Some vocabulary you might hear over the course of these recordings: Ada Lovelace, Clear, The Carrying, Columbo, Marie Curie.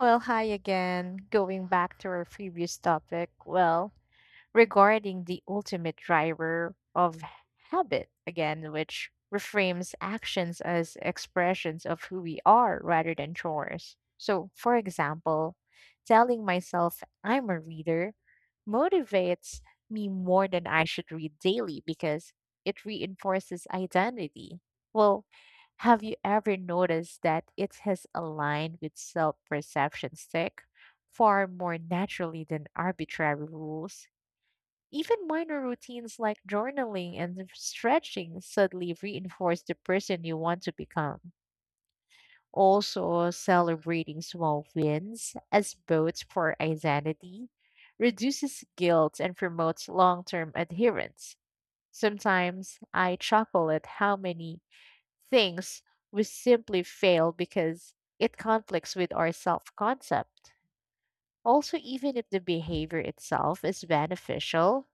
Well, hi again. Going back to our previous topic, well, regarding the ultimate driver of habit, again, which reframes actions as expressions of who we are rather than chores. So, for example, telling myself I'm a reader motivates me more than I should read daily because it reinforces identity. Well, have you ever noticed that it has aligned with self perception stick far more naturally than arbitrary rules? Even minor routines like journaling and stretching subtly reinforce the person you want to become. Also, celebrating small wins as votes for identity reduces guilt and promotes long term adherence. Sometimes I chuckle at how many things we simply fail because it conflicts with our self concept. Also, even if the behavior itself is beneficial,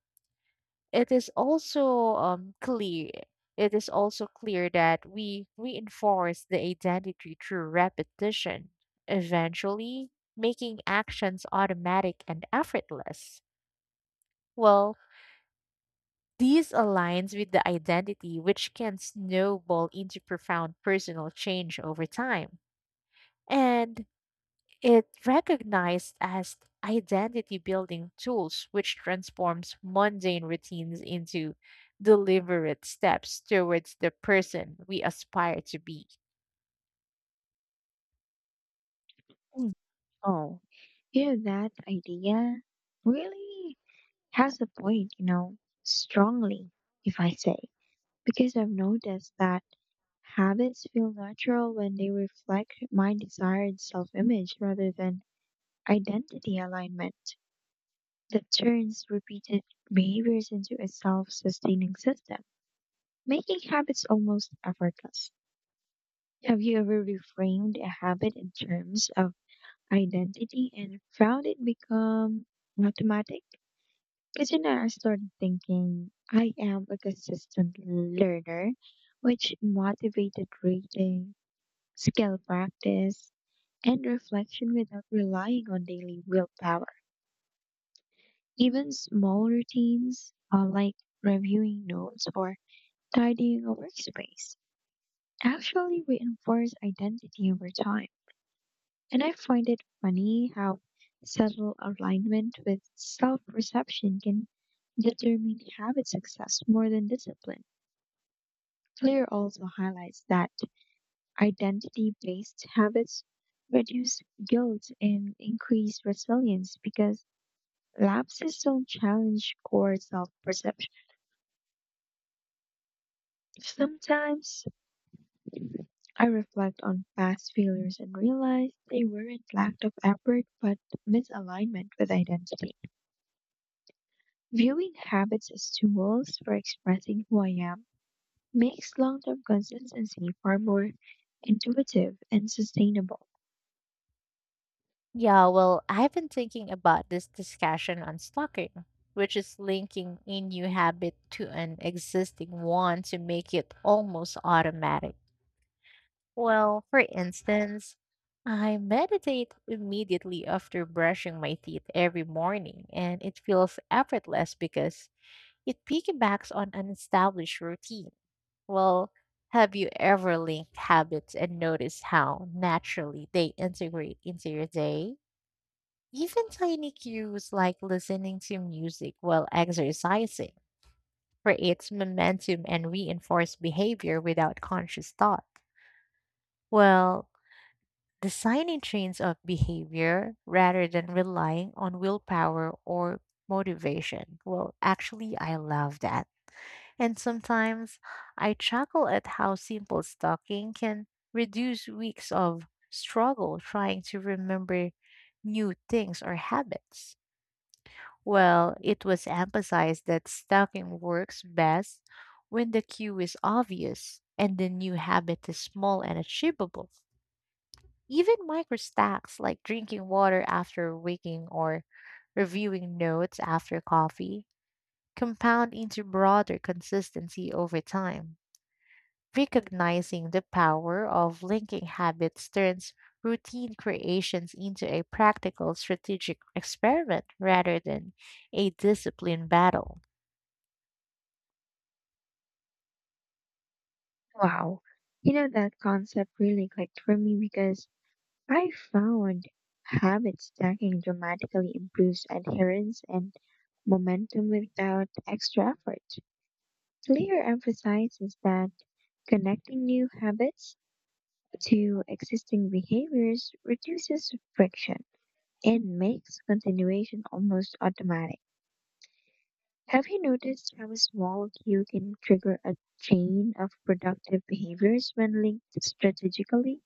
it is also um, clear it is also clear that we reinforce the identity through repetition, eventually making actions automatic and effortless. Well, these aligns with the identity, which can snowball into profound personal change over time. And it recognized as identity building tools, which transforms mundane routines into deliberate steps towards the person we aspire to be. Mm. Oh, you know, that idea really has a point, you know, strongly, if I say, because I've noticed that habits feel natural when they reflect my desired self image rather than identity alignment that turns repeated behaviors into a self sustaining system, making habits almost effortless. Have you ever reframed a habit in terms of identity and found it become automatic? Isn't I started thinking I am a consistent learner, which motivated reading, skill practice, and reflection without relying on daily willpower. Even small routines, like reviewing notes or tidying a workspace, actually reinforce identity over time. And I find it funny how subtle alignment with self perception can determine habit success more than discipline. Clear also highlights that identity based habits reduce guilt and increase resilience because lapses don't challenge core self perception. Sometimes I reflect on past failures and realize they weren't lack of effort but misalignment with identity. Viewing habits as tools for expressing who I am makes long term consistency far more intuitive and sustainable. Yeah, well, I've been thinking about this discussion on stalking, which is linking a new habit to an existing one to make it almost automatic. Well, for instance, I meditate immediately after brushing my teeth every morning, and it feels effortless because it piggybacks on an established routine. Well, have you ever linked habits and noticed how naturally they integrate into your day? Even tiny cues like listening to music while exercising creates momentum and reinforce behavior without conscious thought. Well, designing trains of behavior rather than relying on willpower or motivation. Well, actually, I love that. And sometimes I chuckle at how simple stalking can reduce weeks of struggle trying to remember new things or habits. Well, it was emphasized that stalking works best when the cue is obvious and the new habit is small and achievable. Even micro stacks like drinking water after waking or reviewing notes after coffee compound into broader consistency over time. Recognizing the power of linking habits turns routine creations into a practical strategic experiment rather than a discipline battle. Wow. You know, that concept really clicked for me because I found habit stacking dramatically improves adherence and momentum without extra effort. Clear emphasizes that connecting new habits to existing behaviors reduces friction and makes continuation almost automatic. Have you noticed how a small cue can trigger a chain of productive behaviors when linked strategically?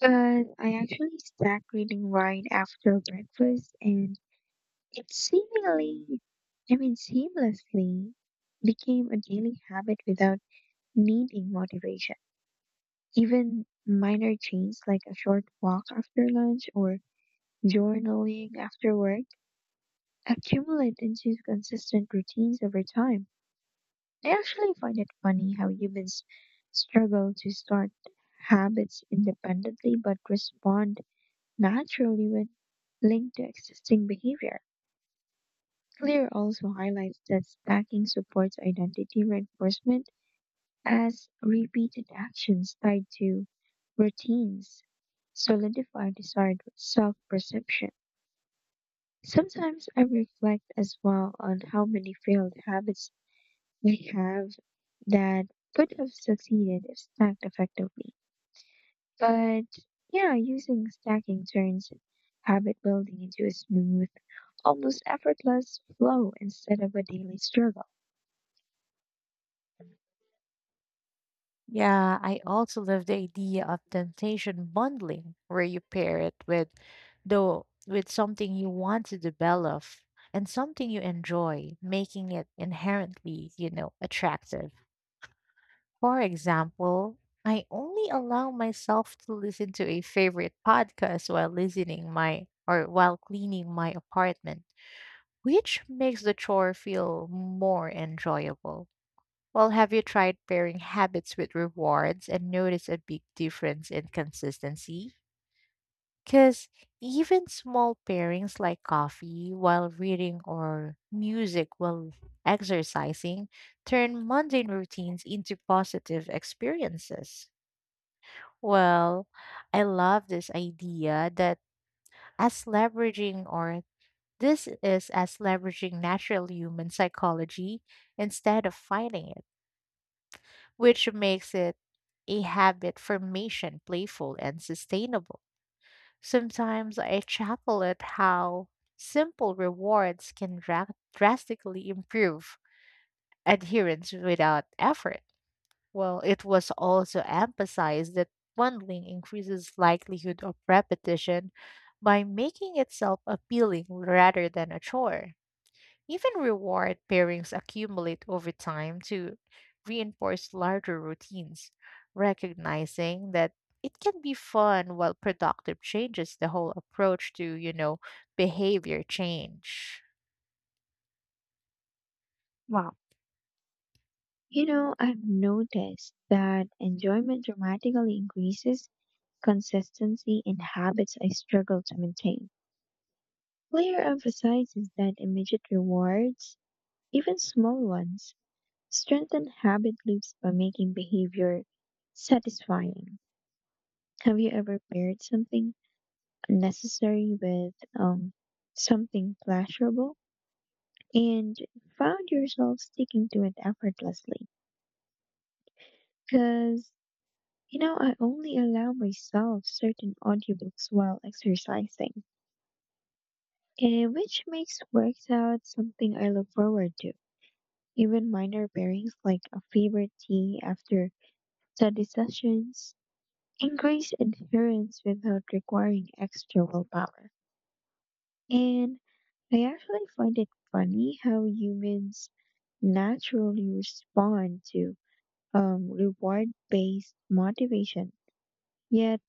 But I actually start reading right after breakfast, and it seemingly, I mean, seamlessly became a daily habit without needing motivation. Even minor changes like a short walk after lunch or journaling after work accumulate into consistent routines over time. I actually find it funny how humans struggle to start habits independently but respond naturally when linked to existing behavior. Clear also highlights that stacking supports identity reinforcement as repeated actions tied to routines solidify desired self perception. Sometimes I reflect as well on how many failed habits I have that could have succeeded if stacked effectively. But yeah, using stacking turns habit building into a smooth, almost effortless flow instead of a daily struggle. Yeah, I also love the idea of temptation bundling, where you pair it with the with something you want to develop and something you enjoy, making it inherently, you know, attractive. For example, I only allow myself to listen to a favorite podcast while cleaning my apartment, which makes the chore feel more enjoyable. Well, have you tried pairing habits with rewards and noticed a big difference in consistency? Because even small pairings like coffee while reading or music while exercising turn mundane routines into positive experiences. Well, I love this idea that as leveraging or this is as leveraging natural human psychology instead of fighting it, which makes it a habit formation playful and sustainable. Sometimes I chuckle at how simple rewards can drastically improve adherence without effort. Well, it was also emphasized that bundling increases likelihood of repetition by making itself appealing rather than a chore. Even reward pairings accumulate over time to reinforce larger routines, recognizing that it can be fun while productive changes the whole approach to, you know, behavior change. Wow. You know, I've noticed that enjoyment dramatically increases consistency in habits I struggle to maintain. Clear emphasizes that immediate rewards, even small ones, strengthen habit loops by making behavior satisfying. Have you ever paired something necessary with um, something pleasurable and found yourself sticking to it effortlessly? Because, you know, I only allow myself certain audiobooks while exercising, and which makes workouts something I look forward to. Even minor pairings like a favorite tea after study sessions increase adherence without requiring extra willpower. And I actually find it funny how humans naturally respond to reward based motivation, yet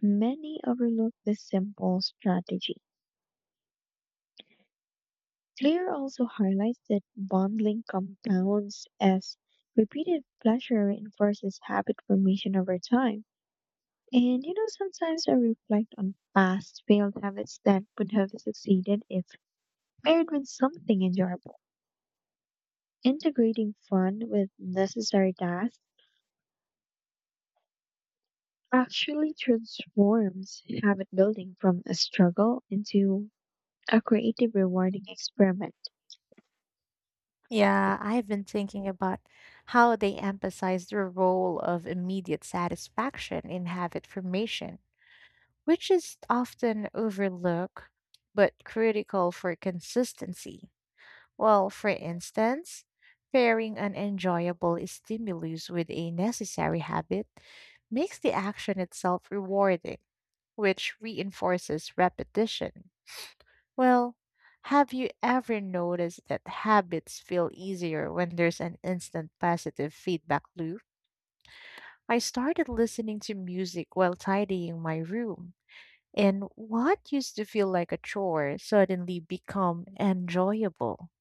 many overlook this simple strategy. Clear also highlights that bonding compounds as repeated pleasure reinforces habit formation over time. And you know, sometimes I reflect on past failed habits that could have succeeded if paired with something enjoyable. Integrating fun with necessary tasks actually transforms habit building from a struggle into a creative, rewarding experiment. Yeah, I've been thinking about how they emphasize the role of immediate satisfaction in habit formation, which is often overlooked but critical for consistency. Well, for instance, pairing an enjoyable stimulus with a necessary habit makes the action itself rewarding, which reinforces repetition. Well, have you ever noticed that habits feel easier when there's an instant positive feedback loop? I started listening to music while tidying my room, and what used to feel like a chore suddenly become enjoyable.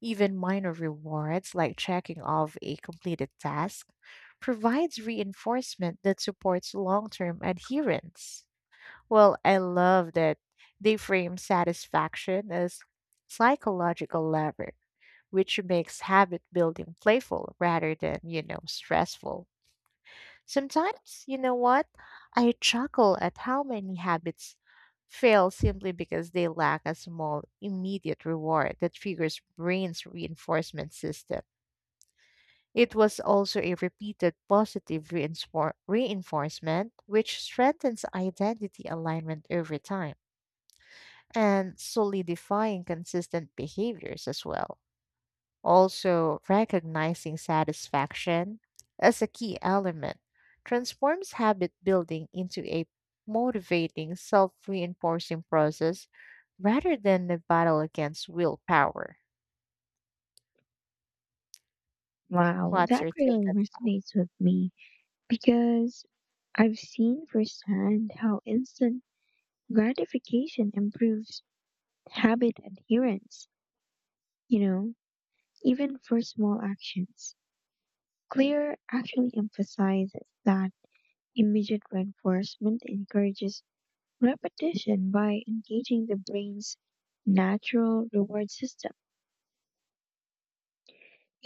Even minor rewards, like checking off a completed task, provides reinforcement that supports long term adherence. Well, I love that they frame satisfaction as psychological lever, which makes habit building playful rather than, you know, stressful. Sometimes, you know what? I chuckle at how many habits fail simply because they lack a small immediate reward that triggers brain's reinforcement system. It was also a repeated positive reinforcement, which strengthens identity alignment over time and solidifying consistent behaviors as well. Also, recognizing satisfaction as a key element transforms habit building into a motivating, self reinforcing process rather than a battle against willpower. Wow, What's that your take really on? resonates with me because I've seen firsthand how instant gratification improves habit adherence, you know, even for small actions. Clear actually emphasizes that immediate reinforcement encourages repetition by engaging the brain's natural reward system.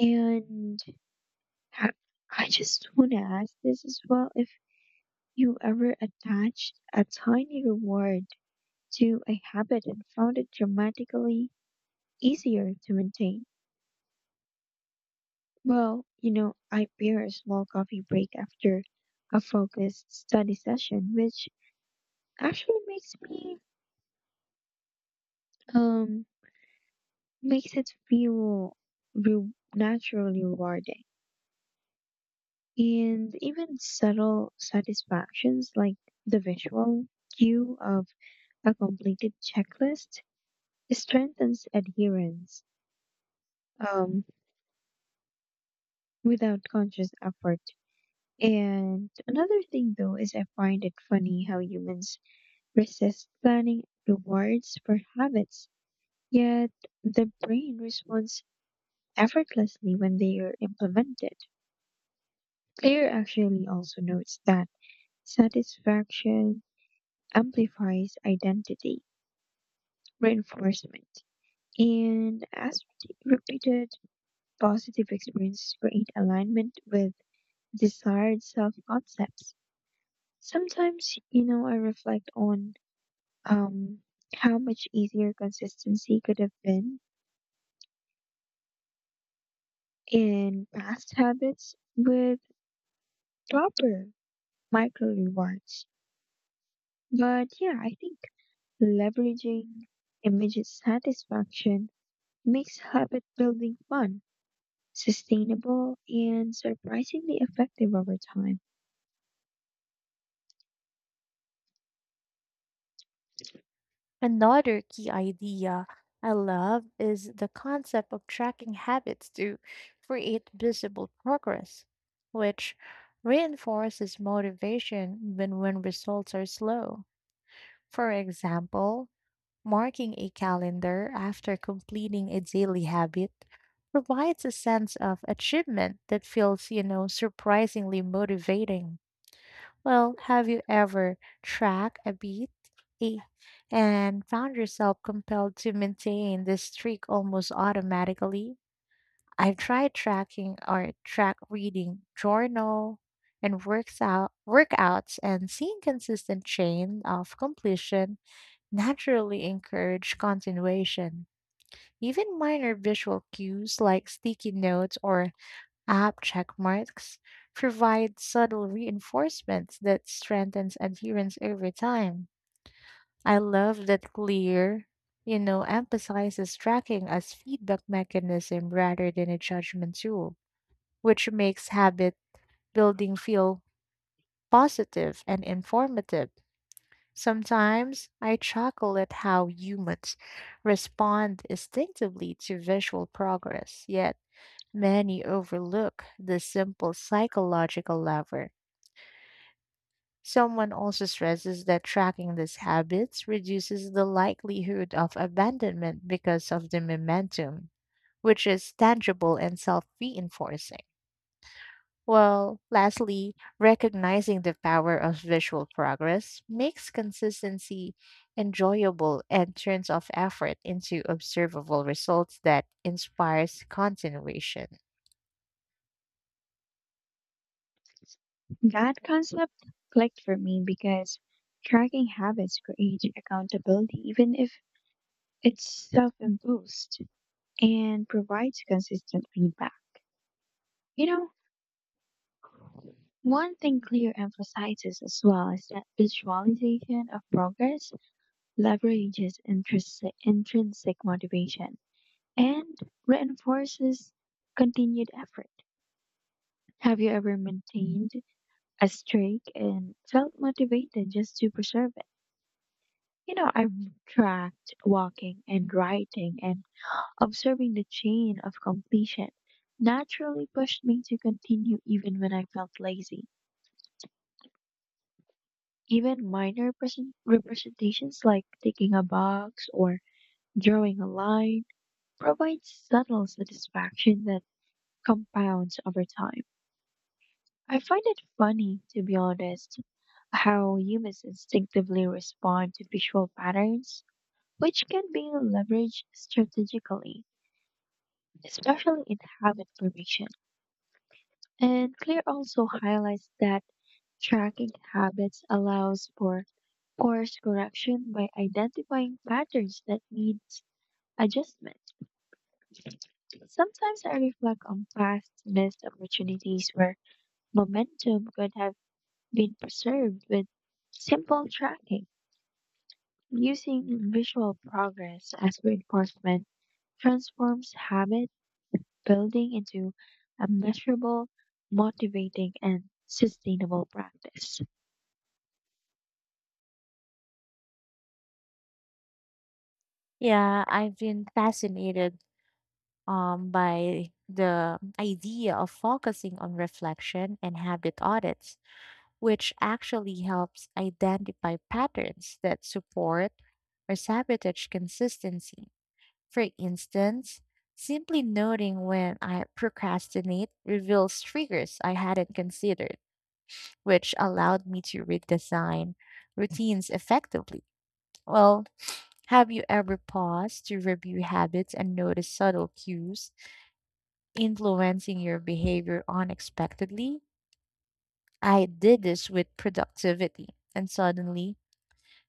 And I I just want to ask this as well if you ever attached a tiny reward to a habit and found it dramatically easier to maintain. Well, you know, I pair a small coffee break after a focused study session, which actually makes me, um, makes it feel naturally rewarding. And even subtle satisfactions like the visual cue of a completed checklist strengthens adherence um, without conscious effort. And another thing, though, is I find it funny how humans resist planning rewards for habits, yet the brain responds effortlessly when they are implemented. Claire actually also notes that satisfaction amplifies identity reinforcement. And as repeated positive experiences create alignment with desired self concepts. Sometimes, you know, I reflect on um, how much easier consistency could have been in past habits with proper micro rewards. But yeah, I think leveraging immediate satisfaction makes habit building fun, sustainable, and surprisingly effective over time. Another key idea I love is the concept of tracking habits to create visible progress, which reinforces motivation even when results are slow. For example, marking a calendar after completing a daily habit provides a sense of achievement that feels, you know, surprisingly motivating. Well, have you ever tracked a beat, eh, and found yourself compelled to maintain this streak almost automatically? I've tried track reading journal and works out workouts, and seeing consistent chain of completion naturally encourage continuation. Even minor visual cues like sticky notes or app check marks provide subtle reinforcements that strengthens adherence over time. I love that clear, you know, emphasizes tracking as feedback mechanism rather than a judgment tool, which makes habit building feel positive and informative. Sometimes I chuckle at how humans respond instinctively to visual progress, yet many overlook this simple psychological lever. Someone also stresses that tracking these habits reduces the likelihood of abandonment because of the momentum, which is tangible and self reinforcing. Well, lastly, recognizing the power of visual progress makes consistency enjoyable and turns off effort into observable results that inspires continuation. That concept clicked for me because tracking habits creates accountability, even if it's self imposed, and provides consistent feedback. You know, one thing Clear emphasizes as well is that visualization of progress leverages intrinsic motivation and reinforces continued effort. Have you ever maintained a streak and felt motivated just to preserve it? You know, I tracked walking and writing and observing the chain of completion naturally pushed me to continue even when I felt lazy. Even minor representations like ticking a box or drawing a line provide subtle satisfaction that compounds over time. I find it funny, to be honest, how humans instinctively respond to visual patterns which can be leveraged strategically, especially in habit formation. And Clear also highlights that tracking habits allows for course correction by identifying patterns that needs adjustment. Sometimes I reflect on past missed opportunities where momentum could have been preserved with simple tracking. Using visual progress as reinforcement transforms habits building into a measurable, motivating, and sustainable practice. Yeah, I've been fascinated, by the idea of focusing on reflection and habit audits, which actually helps identify patterns that support or sabotage consistency. For instance, simply noting when I procrastinate reveals triggers I hadn't considered, which allowed me to redesign routines effectively. Well, have you ever paused to review habits and notice subtle cues influencing your behavior unexpectedly? I did this with productivity, and suddenly,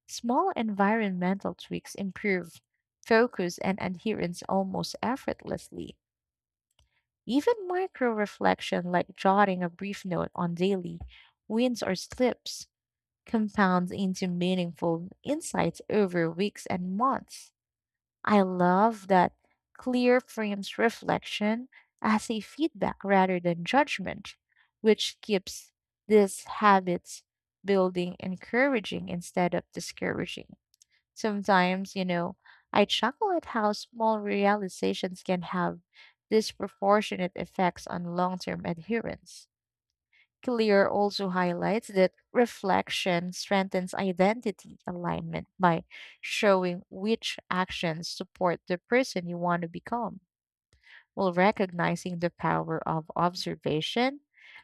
small environmental tweaks improved focus and adherence almost effortlessly. Even micro reflection, like jotting a brief note on daily wins or slips, compounds into meaningful insights over weeks and months. I love that clear frames reflection as a feedback rather than judgment, which keeps these habits building encouraging instead of discouraging. Sometimes, you know, I chuckle at how small realizations can have disproportionate effects on long term adherence. Clear also highlights that reflection strengthens identity alignment by showing which actions support the person you want to become, while recognizing the power of observation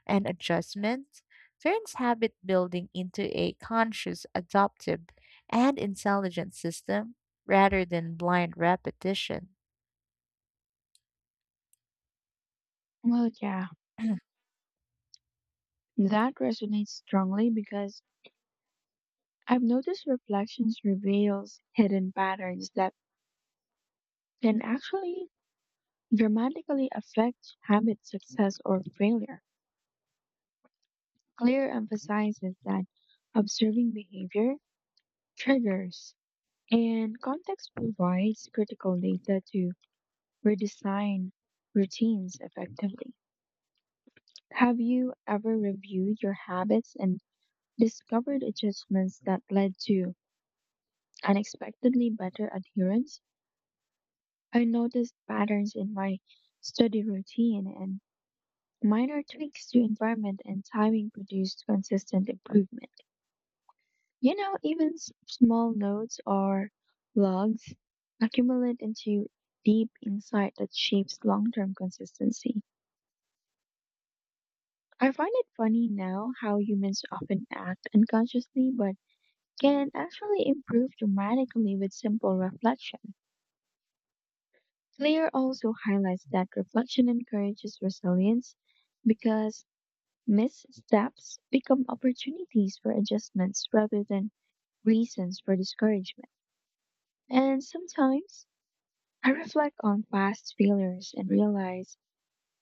and adjustment turns habit building into a conscious, adaptive, and intelligent system rather than blind repetition. Well, yeah, that resonates strongly because I've noticed reflections reveals hidden patterns that can actually dramatically affect habit success or failure. Clear emphasizes that observing behavior triggers and context provides critical data to redesign routines effectively. Have you ever reviewed your habits and discovered adjustments that led to unexpectedly better adherence? I noticed patterns in my study routine and minor tweaks to environment and timing produced consistent improvement. You know, even small notes or logs accumulate into deep insight that shapes long term consistency. I find it funny now how humans often act unconsciously, but can actually improve dramatically with simple reflection. Clear also highlights that reflection encourages resilience because missteps become opportunities for adjustments rather than reasons for discouragement. And sometimes I reflect on past failures and realize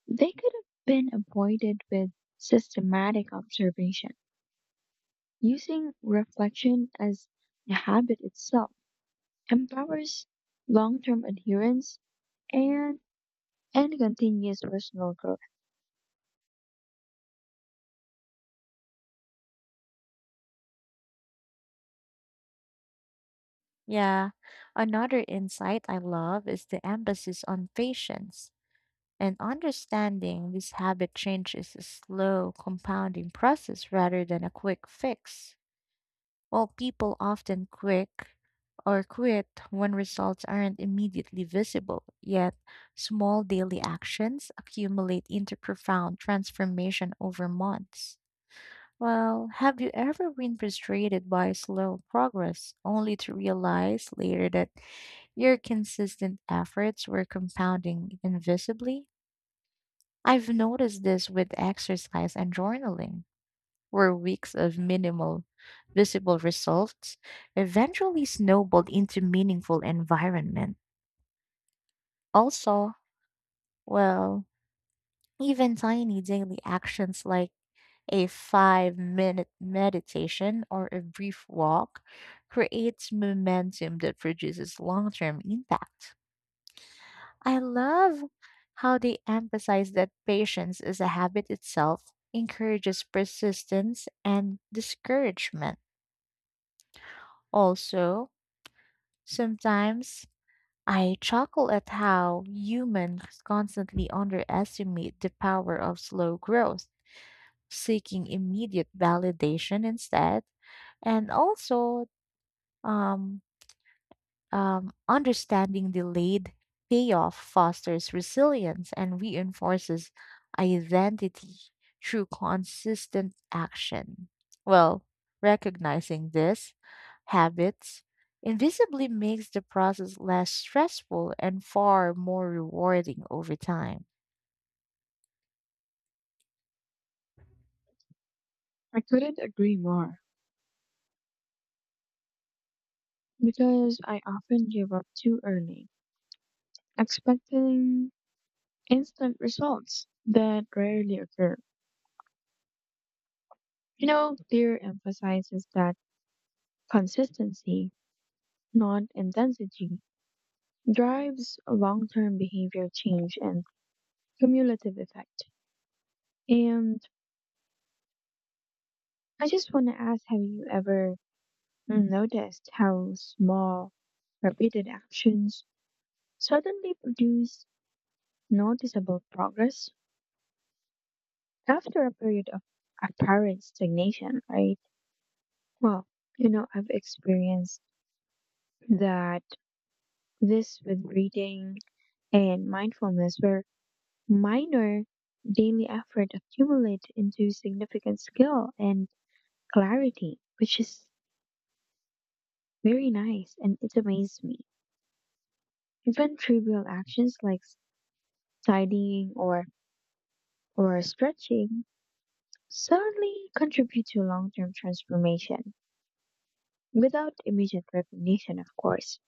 they could have been avoided with systematic observation. Using reflection as a habit itself empowers long term adherence and and continuous personal growth. Yeah, another insight I love is the emphasis on patience and understanding this habit change is a slow compounding process rather than a quick fix. While people often quick or quit when results aren't immediately visible. Yet, small daily actions accumulate into profound transformation over months. Well, have you ever been frustrated by slow progress only to realize later that your consistent efforts were compounding invisibly? I've noticed this with exercise and journaling, where weeks of minimal visible results eventually snowballed into meaningful environments. Also, well, even tiny daily actions like a 5-minute meditation or a brief walk creates momentum that produces long term impact. I love how they emphasize that patience is a habit itself, encourages persistence and discouragement. Also, sometimes I chuckle at how humans constantly underestimate the power of slow growth seeking immediate validation instead, and also um, understanding delayed payoff fosters resilience and reinforces identity through consistent action. Well, recognizing this habits invisibly makes the process less stressful and far more rewarding over time. I couldn't agree more because I often give up too early, expecting instant results that rarely occur. You know, Clear emphasizes that consistency, not intensity, drives long-term behavior change and cumulative effect. And I just want to ask, have you ever noticed how small, repeated actions suddenly produce noticeable progress after a period of apparent stagnation, right? Well, you know, I've experienced that this with breathing and mindfulness, where minor daily effort accumulate into significant skill and clarity, which is very nice and it amazed me. Even trivial actions like tidying or stretching suddenly contribute to long-term transformation without immediate recognition, of course.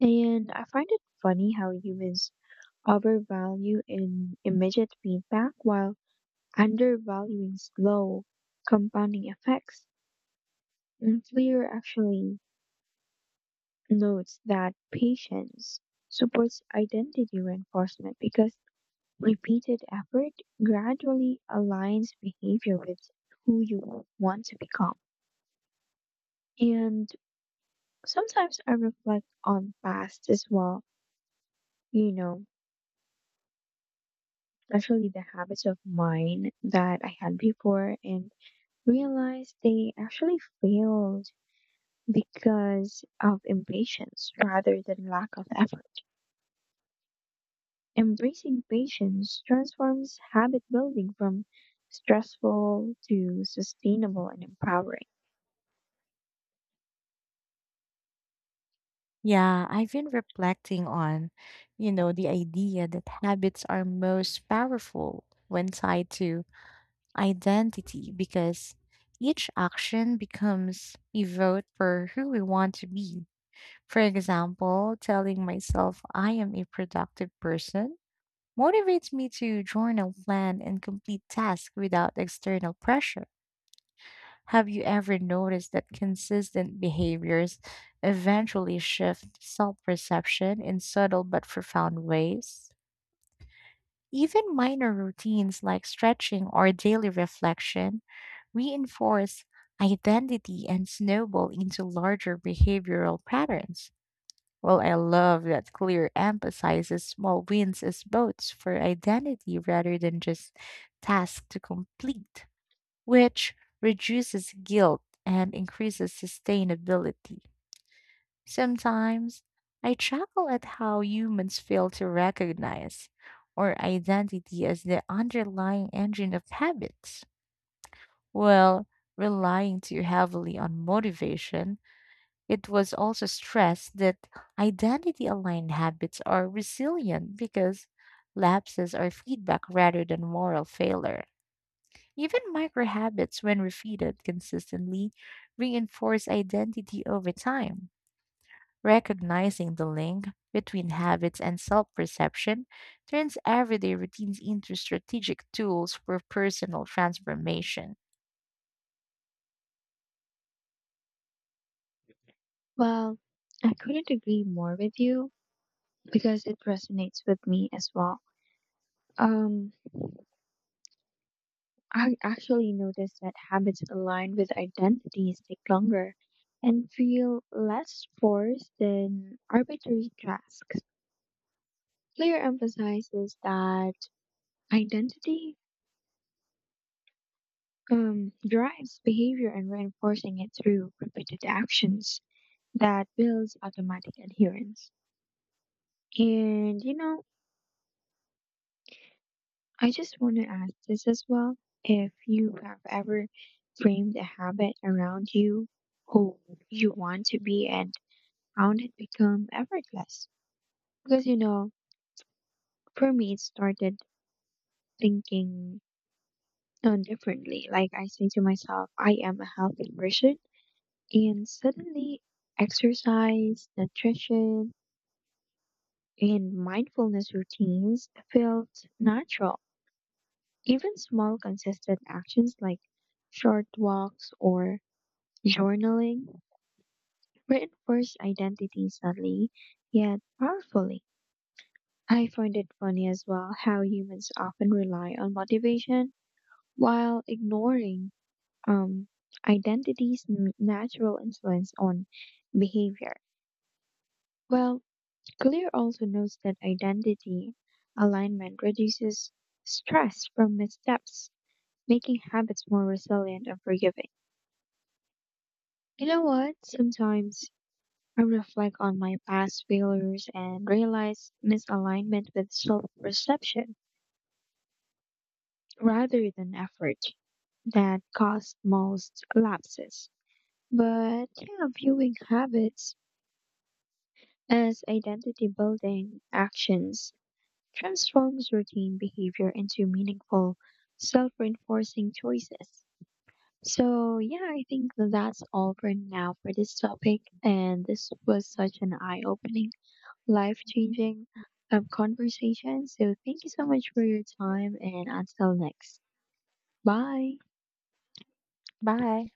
And I find it funny how humans overvalue in immediate feedback while undervaluing slow compounding effects. And Fleer actually notes that patience supports identity reinforcement because repeated effort gradually aligns behavior with who you want to become. And sometimes I reflect on past as well, you know, actually the habits of mine that I had before and realized they actually failed because of impatience rather than lack of effort. Embracing patience transforms habit building from stressful to sustainable and empowering. Yeah, I've been reflecting on, you know, the idea that habits are most powerful when tied to identity because each action becomes a vote for who we want to be. For example, telling myself I am a productive person motivates me to journal, plan, and complete tasks without external pressure. Have you ever noticed that consistent behaviors eventually shift self perception in subtle but profound ways? Even minor routines like stretching or daily reflection reinforce identity and snowball into larger behavioral patterns. Well, I love that Clear emphasizes small wins as votes for identity rather than just tasks to complete, which reduces guilt and increases sustainability. Sometimes I chuckle at how humans fail to recognize our identity as the underlying engine of habits. While relying too heavily on motivation, it was also stressed that identity aligned habits are resilient because lapses are feedback rather than moral failure. Even micro habits, when repeated consistently, reinforce identity over time. Recognizing the link between habits and self perception turns everyday routines into strategic tools for personal transformation. Well, I couldn't agree more with you because it resonates with me as well. Um, I actually noticed that habits aligned with identities take longer and feel less forced than arbitrary tasks. Clear emphasizes that identity drives behavior and reinforcing it through repeated actions that builds automatic adherence. And you know, I just want to ask this as well if you have ever framed a habit around you who you want to be and found it become effortless. Because you know, for me, it started thinking differently. Like I say to myself, I am a healthy person, and suddenly exercise, nutrition, and mindfulness routines felt natural. Even small, consistent actions like short walks or journaling reinforced identity subtly yet powerfully. I find it funny as well how humans often rely on motivation while ignoring um, identity's natural influence on behavior. Well, Clear also notes that identity alignment reduces stress from missteps, making habits more resilient and forgiving. You know what? Sometimes I reflect on my past failures and realize misalignment with self perception rather than effort that cause most lapses. But yeah, viewing habits as identity building actions transforms routine behavior into meaningful, self reinforcing choices. So, yeah, I think that's all for now for this topic. And this was such an eye opening, life changing conversation. So, thank you so much for your time, and until next. Bye. Bye.